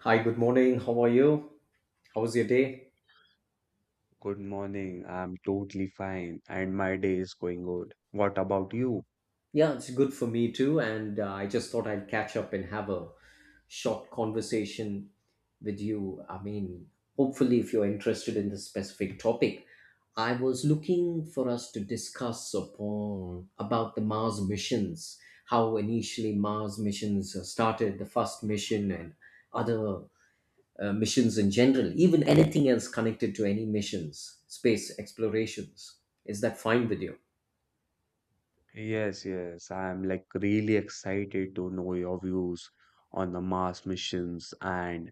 Hi, good morning. How are you? How was your day? Good morning. I'm totally fine and my day is going good. What about you? Yeah, it's good for me too. And I just thought I'd catch up and have a short conversation with you. I mean, hopefully, if you're interested in this specific topic, I was looking for us to discuss upon about the Mars missions, how initially Mars missions started, the first mission, and other missions in general, even anything else connected to any missions, space explorations, is that fine with you? Yes, yes. I'm like really excited to know your views on the Mars missions and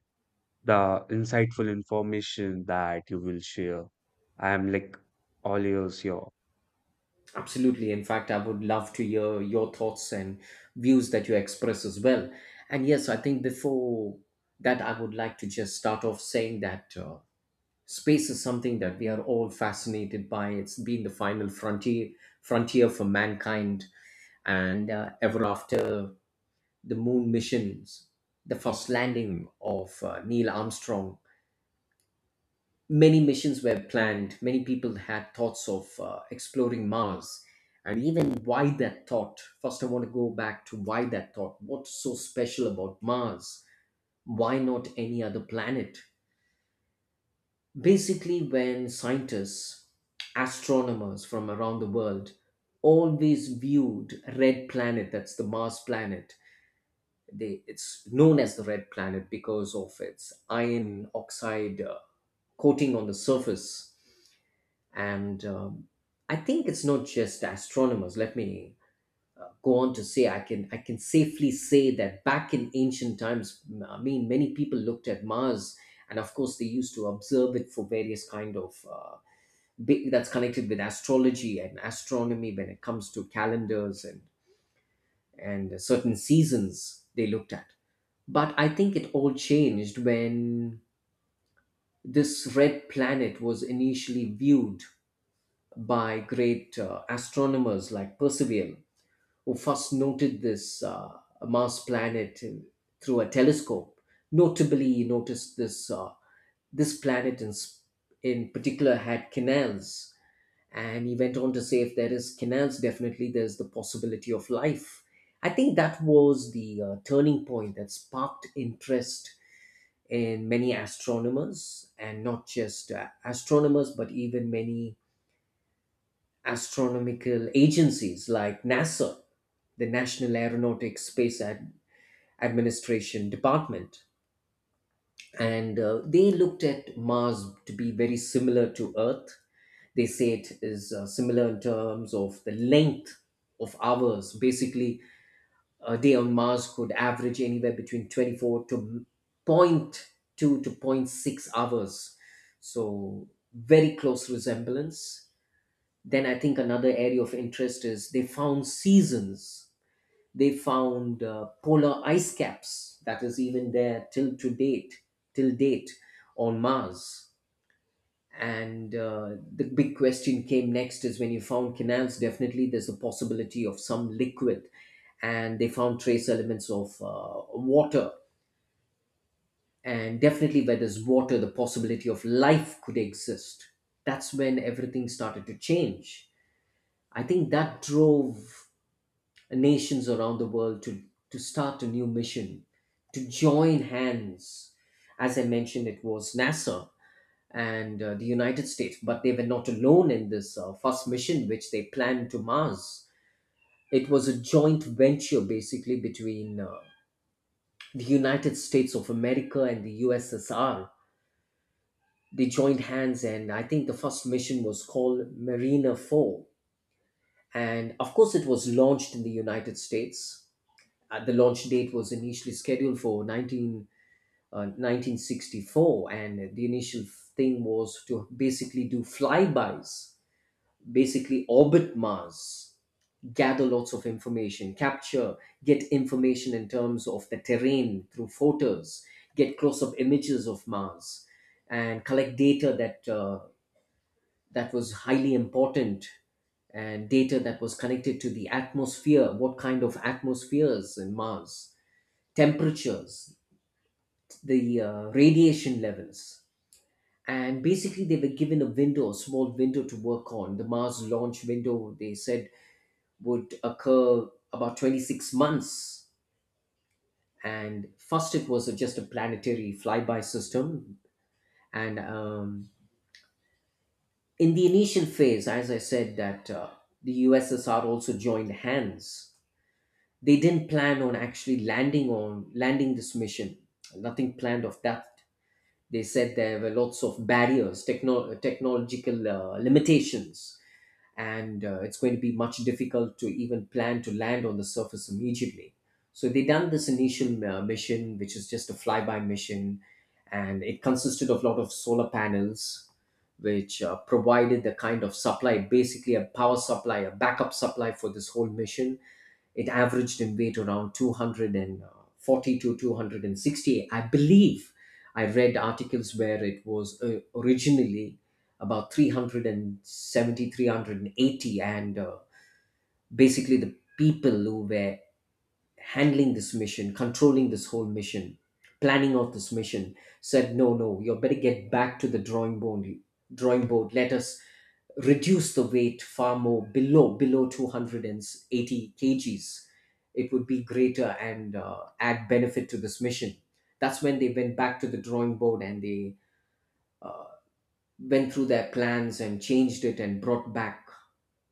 the insightful information that you will share. I'm like all ears here. Absolutely. In fact, I would love to hear your thoughts and views that you express as well. And yes, I think before that, I would like to just start off saying that space is something that we are all fascinated by. It's been the final frontier for mankind, and ever after the moon missions, the first landing of Neil Armstrong. Many missions were planned, many people had thoughts of exploring Mars. And even why that thought? First, I want to go back to why that thought. What's so special about Mars? Why not any other planet? Basically, when scientists, astronomers from around the world always viewed red planet, that's the Mars planet. It's known as the red planet because of its iron oxide coating on the surface, and I think it's not just astronomers. Let me go on to say, I can, I can safely say that back in ancient times, I mean, many people looked at Mars, and of course they used to observe it for various kind of that's connected with astrology and astronomy when it comes to calendars and certain seasons they looked at. But I think it all changed when this red planet was initially viewed by great astronomers like Percival, who first noted this Mars planet through a telescope. Notably, he noticed this this planet in particular had canals, and he went on to say, if there is canals, definitely there's the possibility of life. I think that was the turning point that sparked interest in many astronomers, and not just astronomers, but even many astronomical agencies like NASA, the National Aeronautics Administration Department. And they looked at Mars to be very similar to Earth. They say it is similar in terms of the length of hours. Basically, a day on Mars could average anywhere between 24 to point two to point 6 hours. So, very close resemblance. Then I think another area of interest is they found seasons. They found polar ice caps that is even there till date on Mars. And the big question came next is when you found canals, definitely there's a possibility of some liquid. And they found trace elements of water. And definitely, where there's water, the possibility of life could exist. That's when everything started to change. I think that drove nations around the world to start a new mission, to join hands. As I mentioned, it was NASA and the United States, but they were not alone in this first mission which they planned to Mars. It was a joint venture basically between the United States of America and the USSR. They joined hands, and I think the first mission was called Mariner 4. And of course, it was launched in the United States. The launch date was initially scheduled for 1964, and the initial thing was to basically do flybys, basically orbit Mars, gather lots of information, capture, get information in terms of the terrain through photos, get close up images of Mars, and collect data that was highly important, and data that was connected to the atmosphere, what kind of atmospheres in Mars, temperatures, the radiation levels. And basically, they were given a window, a small window to work on. The Mars launch window, they said, would occur about 26 months. And first, it was just a planetary flyby system. And In the initial phase, as I said, that the USSR also joined hands. They didn't plan on actually landing this mission. Nothing planned of that. They said there were lots of barriers, technological limitations, and it's going to be much difficult to even plan to land on the surface immediately. So they done this initial mission, which is just a flyby mission, and it consisted of a lot of solar panels, which provided the kind of supply, basically a power supply, a backup supply for this whole mission. It averaged in weight around 240 to 260, I believe. I read articles where it was originally about 370, 380. And Basically the people who were handling this mission, controlling this whole mission, planning out this mission, said, "No, no, you better get back to the drawing board. Let us reduce the weight far more below 280 kgs. It would be greater and add benefit to this mission." That's when they went back to the drawing board, and they uh, went through their plans and changed it and brought back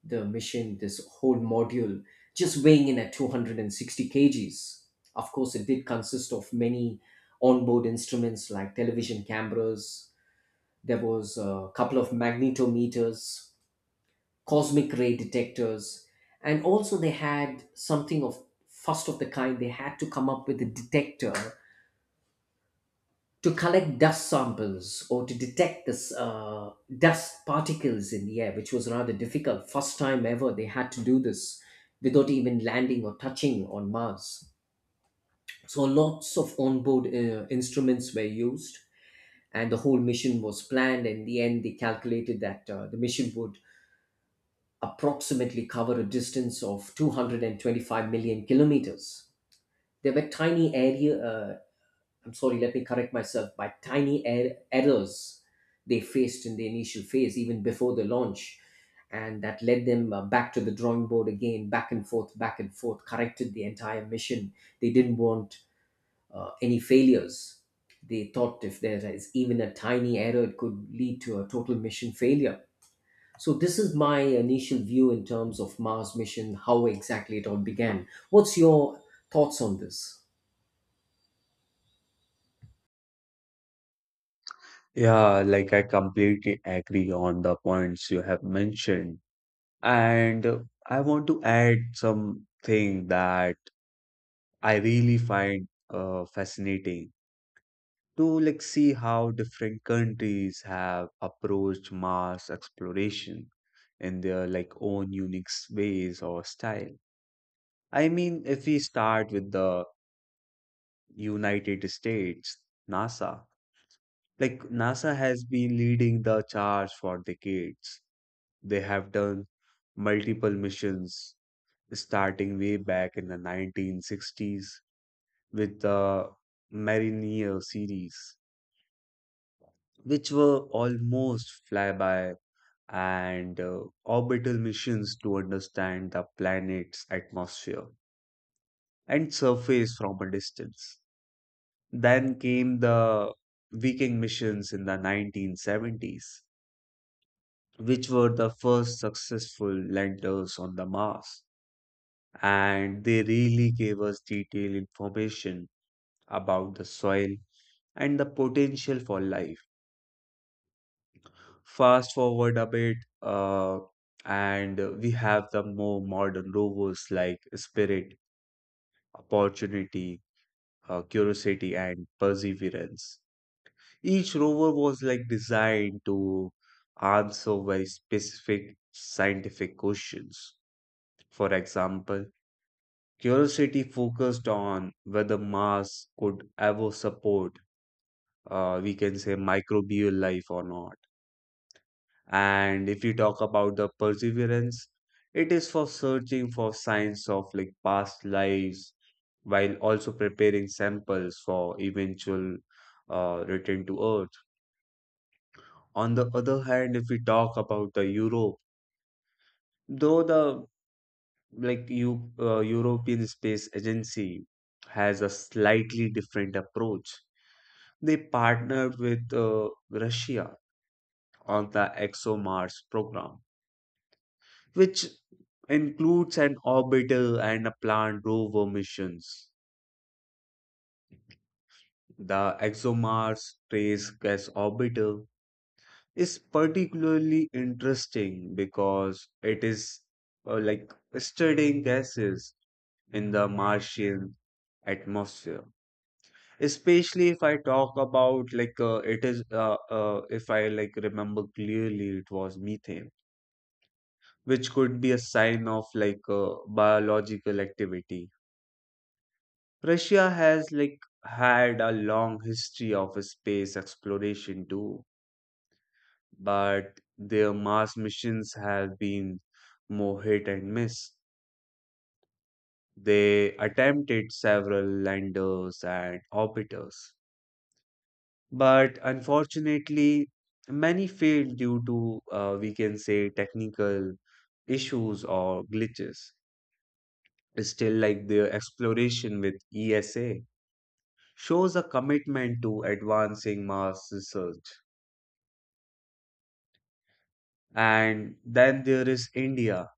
the mission, this whole module, just weighing in at 260 kgs. Of course, it did consist of many onboard instruments like television cameras. There was a couple of magnetometers, cosmic ray detectors, and also they had something of first of the kind. They had to come up with a detector to collect dust samples or to detect this dust particles in the air, which was rather difficult. First time ever they had to do this without even landing or touching on Mars. So lots of onboard instruments were used, and the whole mission was planned. In the end, they calculated that the mission would approximately cover a distance of 225 million kilometers. There were I'm sorry, let me correct myself, by tiny errors they faced in the initial phase, even before the launch. And that led them back to the drawing board again, back and forth, corrected the entire mission. They didn't want any failures. They thought if there is even a tiny error, it could lead to a total mission failure. So this is my initial view in terms of Mars mission, how exactly it all began. What's your thoughts on this? Yeah, like I completely agree on the points you have mentioned. And I want to add something that I really find fascinating. To like see how different countries have approached Mars exploration in their like own unique ways or style. I mean, if we start with the United States, NASA, like NASA has been leading the charge for decades. They have done multiple missions starting way back in the 1960s with the Mariner series, which were almost flyby and orbital missions to understand the planet's atmosphere and surface from a distance. Then came the Viking missions in the 1970s, which were the first successful landers on the Mars. And they really gave us detailed information about the soil and the potential for life. Fast forward a bit, uh, and we have the more modern rovers like Spirit opportunity, curiosity, and perseverance. Each rover was like designed to answer very specific scientific questions. For example, Curiosity focused on whether Mars could ever support, we can say, microbial life or not. And if you talk about the perseverance, it is for searching for signs of like past lives while also preparing samples for eventual return to Earth. On the other hand, if we talk about the Europe, though the like you European Space Agency has a slightly different approach, they partnered with Russia on the ExoMars program which includes an orbital and a planned rover missions. The ExoMars Trace Gas Orbital is particularly interesting because it is like studying gases in the Martian atmosphere. Especially if I talk about like it is if I like remember clearly it was methane, which could be a sign of like biological activity. Russia has like had a long history of space exploration too, but their Mars missions have been more hit and miss. They attempted several landers and orbiters, but unfortunately, many failed due to, we can say, technical issues or glitches. Still, like their exploration with ESA shows a commitment to advancing Mars research. And then there is India,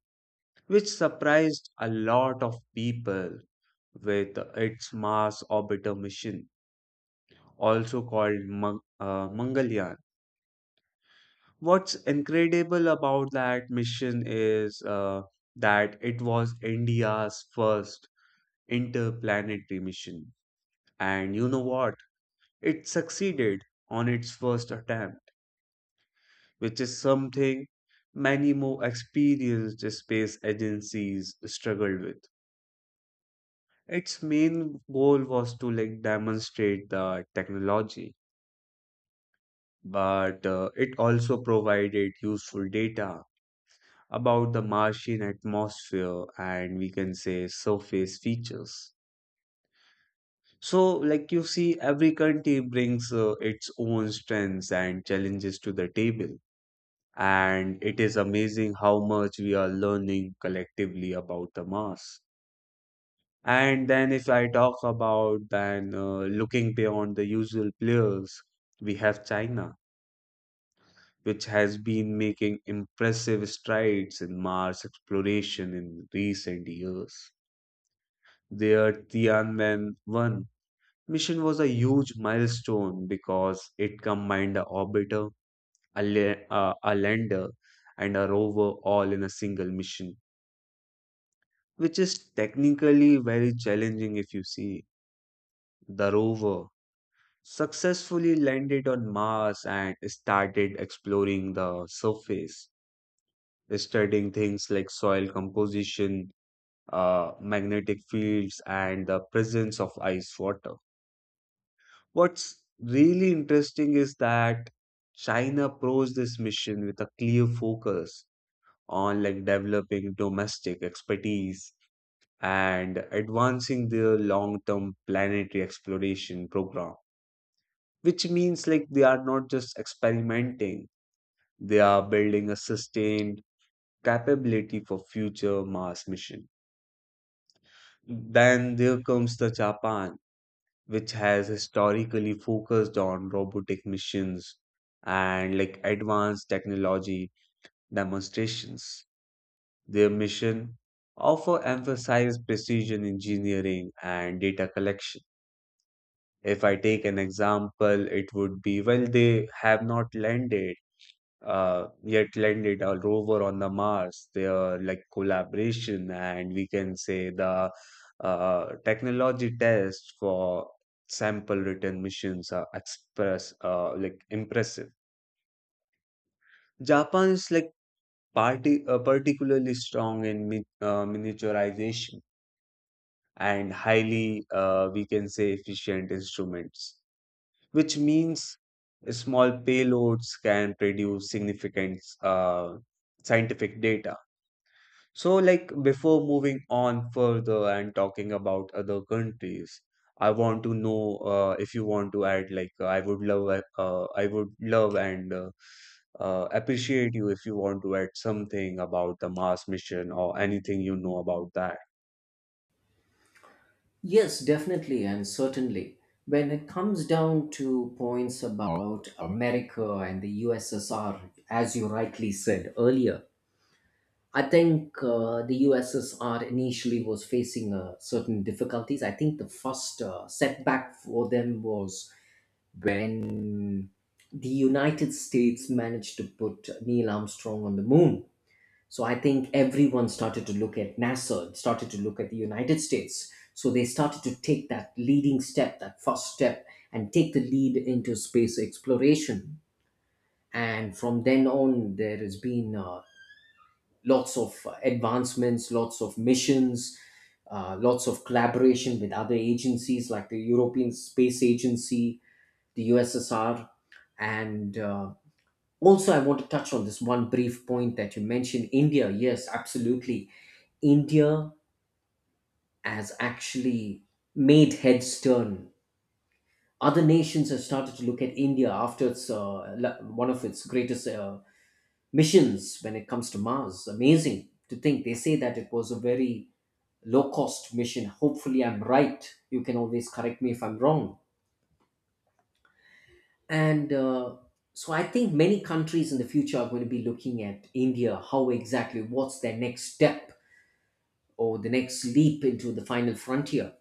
which surprised a lot of people with its Mars orbiter mission, also called Mangalyaan. What's incredible about that mission is that it was India's first interplanetary mission. And you know what? It succeeded on its first attempt, which is something many more experienced space agencies struggled with. Its main goal was to like demonstrate the technology, but it also provided useful data about the Martian atmosphere and we can say surface features. So, like you see, every country brings its own strengths and challenges to the table. And it is amazing how much we are learning collectively about the Mars. And then if I talk about then looking beyond the usual players, we have China, which has been making impressive strides in Mars exploration in recent years. Their Tianwen-1 mission was a huge milestone because it combined a orbiter, a lander, and a rover all in a single mission, which is technically very challenging if you see the rover successfully landed on Mars and started exploring the surface, studying things like soil composition, magnetic fields, and the presence of ice water. What's really interesting is that China approached this mission with a clear focus on like developing domestic expertise and advancing their long-term planetary exploration program, which means like they are not just experimenting. They are building a sustained capability for future Mars mission. Then there comes the Japan, which has historically focused on robotic missions and like advanced technology demonstrations. Their mission often emphasizes precision engineering and data collection. If I take an example, it would be well, they have not landed yet landed a rover on the Mars. They are like collaboration, and we can say the technology test for sample return missions are express like impressive. Japan is like party particularly strong in mi miniaturization and highly we can say efficient instruments, which means small payloads can produce significant scientific data. So, like, before moving on further and talking about other countries, I want to know if you want to add, like, I would love and appreciate you if you want to add something about the Mars mission or anything you know about that. Yes, definitely and certainly. When it comes down to points about America and the USSR, as you rightly said earlier, I think the USSR initially was facing certain difficulties. I think the first setback for them was when the United States managed to put Neil Armstrong on the moon. So I think everyone started to look at NASA, started to look at the United States. So they started to take that leading step, that first step, and take the lead into space exploration. And from then on, there has been lots of advancements, lots of missions, lots of collaboration with other agencies like the European Space Agency, the USSR. And also, I want to touch on this one brief point that you mentioned India. Yes, absolutely. India has actually made heads turn. Other nations have started to look at India after its one of its greatest missions when it comes to Mars. Amazing to think they say that it was a very low cost mission. Hopefully, I'm right. You can always correct me if I'm wrong. And so I think many countries in the future are going to be looking at India, how exactly, what's their next step or the next leap into the final frontier.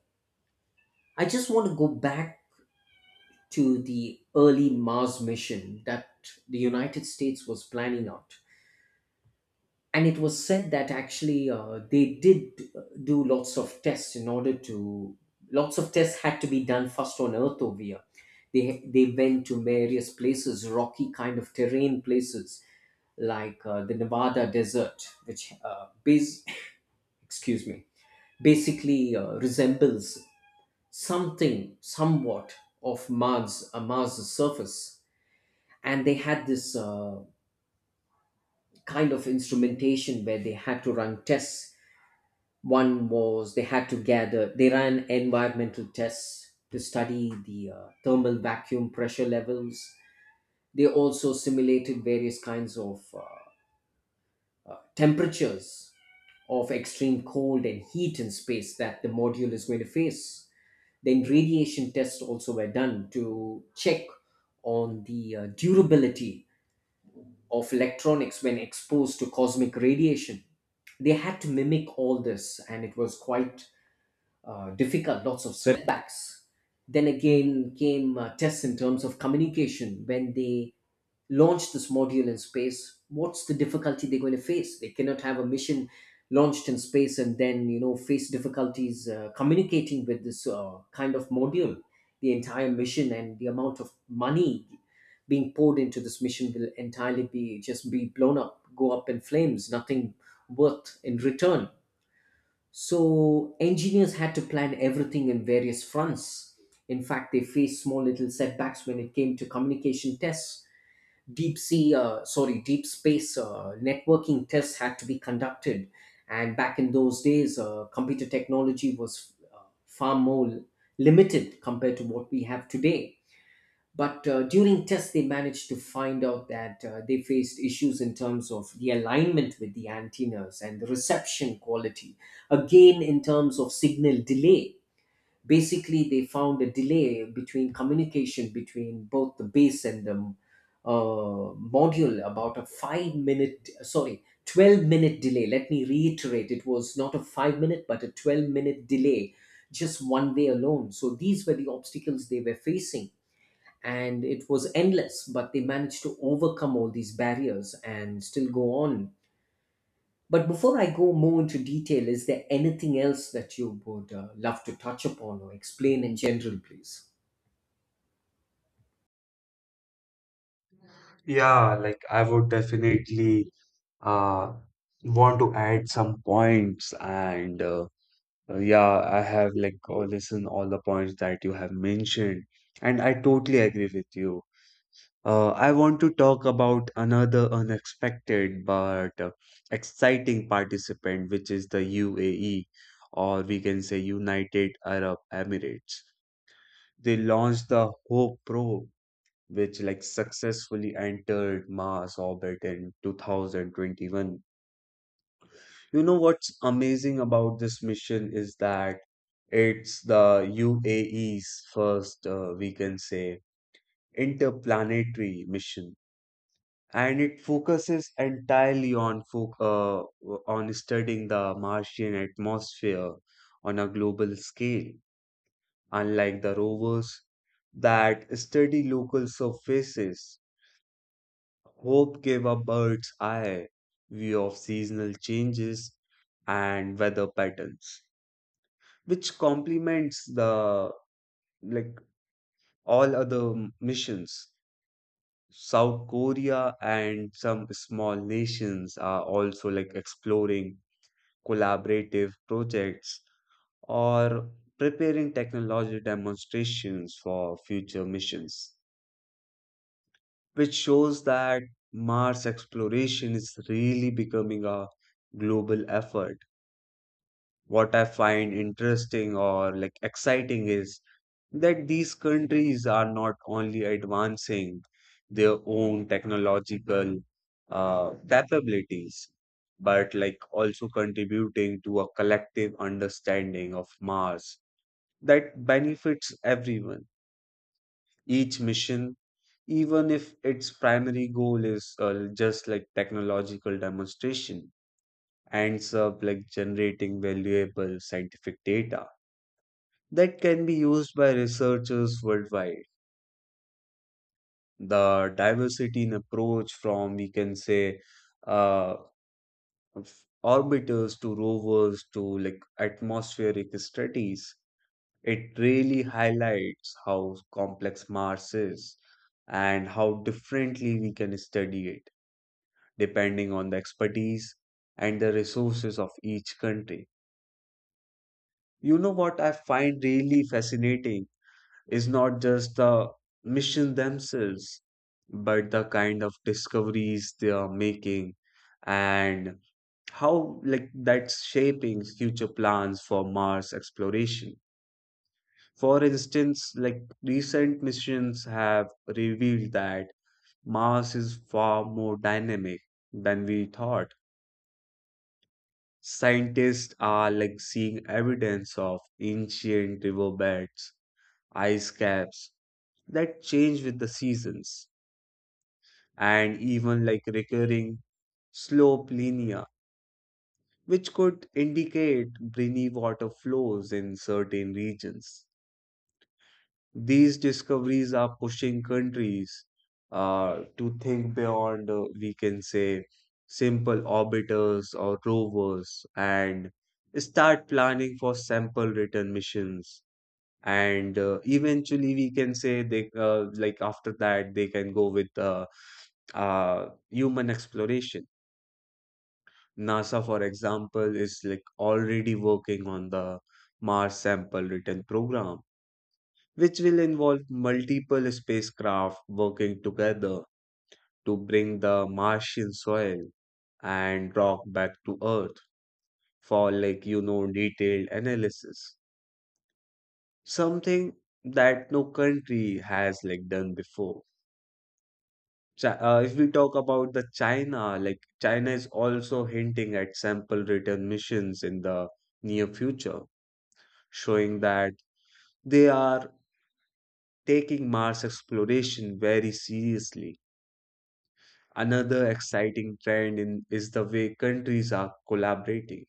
I just want to go back to the early Mars mission that the United States was planning out. And it was said that actually they did do lots of tests in order lots of tests had to be done first on Earth over here. They went to various places, rocky kind of terrain places like the Nevada desert, which excuse me, basically resembles something somewhat of Mars' surface. And they had this kind of instrumentation where they had to run tests. One was they had to gather, they ran environmental tests to study the thermal vacuum pressure levels. They also simulated various kinds of temperatures of extreme cold and heat in space that the module is going to face. Then radiation tests also were done to check on the durability of electronics when exposed to cosmic radiation. They had to mimic all this, and it was quite difficult, lots of setbacks. Then again came tests in terms of communication when they launch this module in space. What's the difficulty they're going to face? They cannot have a mission launched in space and then face difficulties communicating with this kind of module. The entire mission and the amount of money being poured into this mission will entirely be just be blown up, go up in flames, nothing worth in return. So engineers had to plan everything in various fronts. In fact, they faced small little setbacks when it came to communication tests. Deep space networking tests had to be conducted. And back in those days, computer technology was far more limited compared to what we have today. But during tests, they managed to find out that they faced issues in terms of the alignment with the antennas and the reception quality, again, in terms of signal delay. Basically, they found a delay between communication between both the base and the module, about a five-minute sorry 12-minute delay. Let me reiterate, it was not a 5 minute but a 12-minute delay just one day alone. So these were the obstacles they were facing, and it was endless, but they managed to overcome all these barriers and still go on. But before I go more into detail, is there anything else that you would love to touch upon or explain in general, please? Yeah, like I would definitely uh want to add some. Some points and yeah, I have like listened all the points that you have mentioned, and I totally agree with you. I want to talk about another unexpected but exciting participant, which is the UAE, or we can say United Arab Emirates. They launched the Hope probe, which like successfully entered Mars orbit in 2021. You know what's amazing about this mission is that it's the UAE's first, we can say, interplanetary mission and it focuses entirely on foc on studying the Martian atmosphere on a global scale, unlike the rovers that study local surfaces. Hope gave a bird's eye view of seasonal changes and weather patterns, which complements the like all other missions. South Korea and some small nations are also like exploring collaborative projects, or preparing technology demonstrations for future missions, which shows that Mars exploration is really becoming a global effort. What I find interesting or like exciting is that these countries are not only advancing their own technological capabilities, but like also contributing to a collective understanding of Mars that benefits everyone. Each mission, even if its primary goal is just like technological demonstration, ends up like generating valuable scientific data that can be used by researchers worldwide. The diversity in approach from we can say uh, orbiters to rovers to like atmospheric studies, it really highlights how complex mars is and how differently we can study it depending on the expertise and the resources of each country. You know what I find really fascinating is not just the mission themselves, but the kind of discoveries they are making and how like that's shaping future plans for Mars exploration. For instance, like recent missions have revealed that Mars is far more dynamic than we thought. Scientists are like seeing evidence of ancient riverbeds, ice caps that change with the seasons, and even like recurring slope linea, which could indicate briny water flows in certain regions. These discoveries are pushing countries to think beyond, we can say, simple orbiters or rovers and start planning for sample return missions. And Eventually, we can say they like after that they can go with human exploration. NASA, for example, is like already working on the Mars sample return program, which will involve multiple spacecraft working together to bring the Martian soil and rock back to Earth for like you know detailed analysis. Something that no country has like done before. If we talk about the China, like China is also hinting at sample return missions in the near future, showing that they are taking Mars exploration very seriously. Another exciting trend is the way countries are collaborating.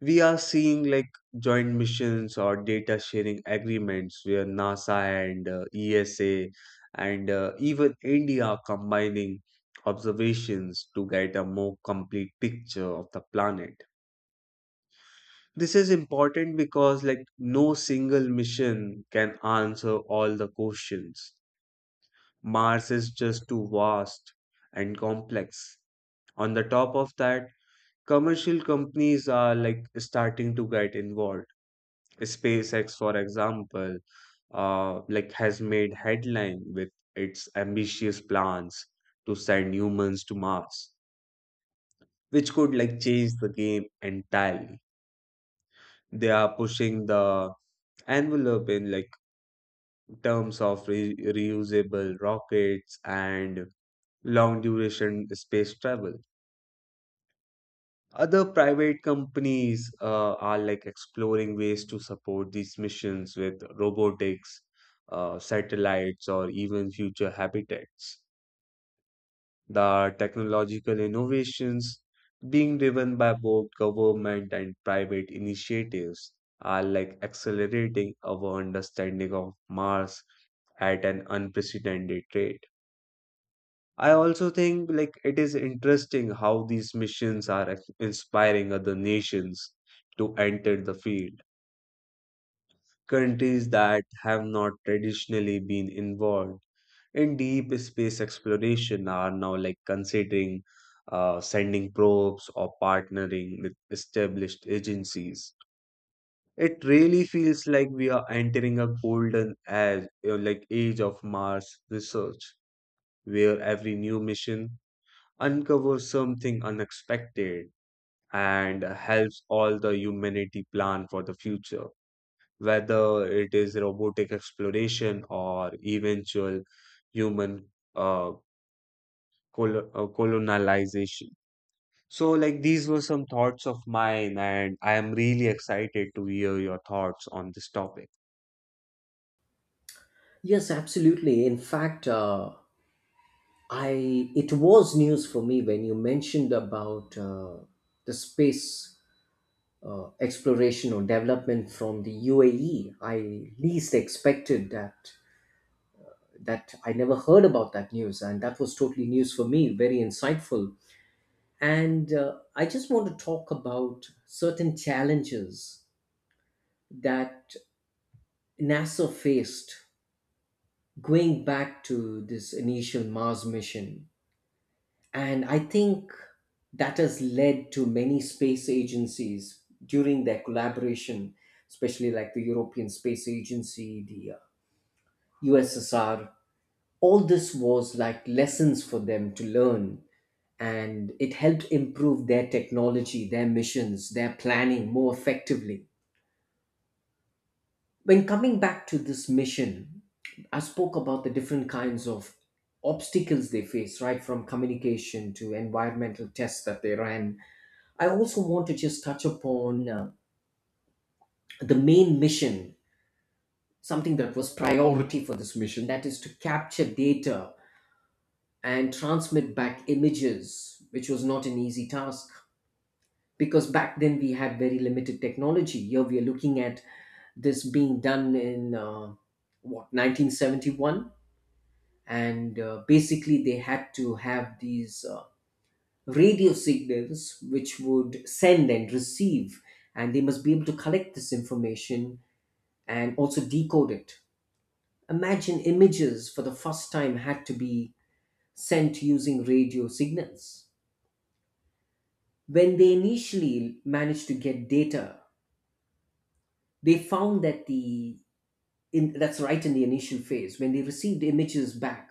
We are seeing like joint missions or data sharing agreements where NASA and ESA and even India are combining observations to get a more complete picture of the planet. This is important because like no single mission can answer all the questions. Mars is just too vast and complex. On the top of that, commercial companies are like starting to get involved. SpaceX, for example, like has made headline with its ambitious plans to send humans to Mars, which could like change the game entirely. They are pushing the envelope in like terms of reusable rockets and long duration space travel. Other private companies are like exploring ways to support these missions with robotics, satellites, or even future habitats. The technological innovations being driven by both government and private initiatives are like accelerating our understanding of Mars at an unprecedented rate. I also think like it is interesting how these missions are inspiring other nations to enter the field. Countries that have not traditionally been involved in deep space exploration are now like considering sending probes or partnering with established agencies. It really feels like we are entering a golden age, like age of Mars research, where every new mission uncovers something unexpected and helps all the humanity plan for the future, whether it is robotic exploration or eventual human uh, colonization. So, like, these were some thoughts of mine, and I am really excited to hear your thoughts on this topic. Yes, absolutely. In fact, I it was news for me when you mentioned about the space exploration or development from the UAE. I least expected that, I never heard about that news, and that was totally news for me. Very insightful, and I just want to talk about certain challenges that NASA faced going back to this initial Mars mission. And I think that has led to many space agencies during their collaboration, especially like the European Space Agency, the USSR. All this was like lessons for them to learn, and it helped improve their technology, their missions, their planning more effectively. When coming back to this mission, I spoke about the different kinds of obstacles they face, right? From communication to environmental tests that they ran. I also want to just touch upon the main mission, something that was priority for this mission, that is to capture data and transmit back images, which was not an easy task. Because back then we had very limited technology. Here we are looking at this being done in what, 1971. And basically they had to have these radio signals which would send and receive, and they must be able to collect this information and also decode it. Imagine, images for the first time had to be sent using radio signals. When they initially managed to get data, they found that that's right, in the initial phase when they received images back,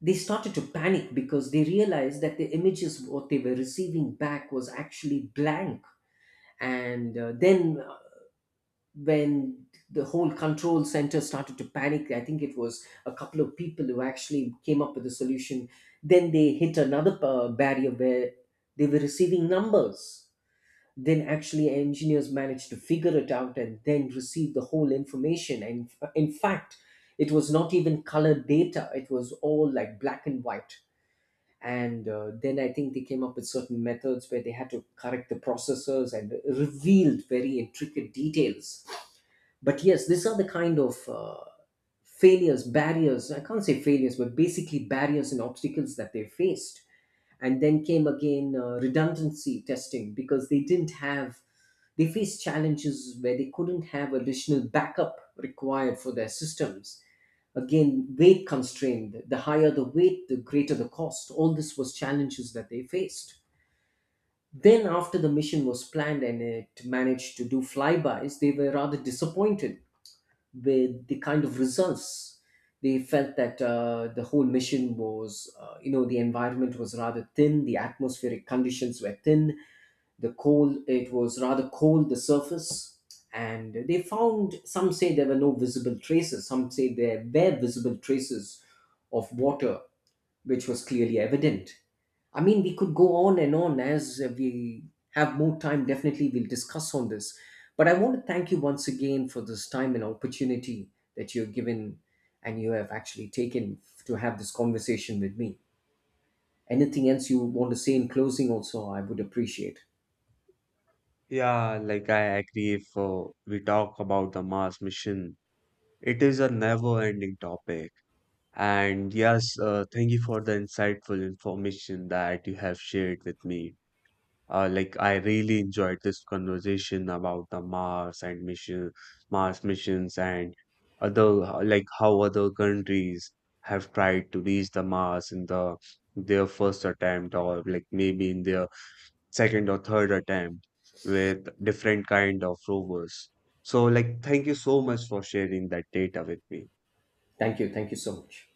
they started to panic because they realized that the images what they were receiving back was actually blank. And then When the whole control center started to panic, I think it was a couple of people who actually came up with a solution. Then they hit another barrier where they were receiving numbers. Then actually engineers managed to figure it out and then receive the whole information. And in fact, it was not even colored data, it was all like black and white. And uh, then I think they came up with certain methods where they had to correct the processors and revealed very intricate details. But yes, these are the kind of failures, barriers. I can't say failures, but basically barriers and obstacles that they faced. And then came again redundancy testing because they didn't have, they faced challenges where they couldn't have additional backup required for their systems. Again, weight constrained. The higher the weight, the greater the cost. All this was challenges that they faced. Then, after the mission was planned and it managed to do flybys, they were rather disappointed with the kind of results. They felt that the whole mission was, the environment was rather thin, the atmospheric conditions were thin, the cold, it was rather cold, the surface. And they found, some say there were no visible traces, some say there were visible traces of water, which was clearly evident. I mean, we could go on and on as we have more time. Definitely, we'll discuss on this. But I want to thank you once again for this time and opportunity that you're given and you have actually taken to have this conversation with me. Anything else you want to say in closing, also, I would appreciate. Yeah, like, I agree if we talk about the Mars mission, it is a never-ending topic. And yes, thank you for the insightful information that you have shared with me. Like I really enjoyed this conversation about the Mars and mission, Mars missions and other like how other countries have tried to reach the Mars in the their first attempt or like maybe in their second or third attempt with different kind of rovers. So like thank you so much for sharing that data with me. Thank you. Thank you so much.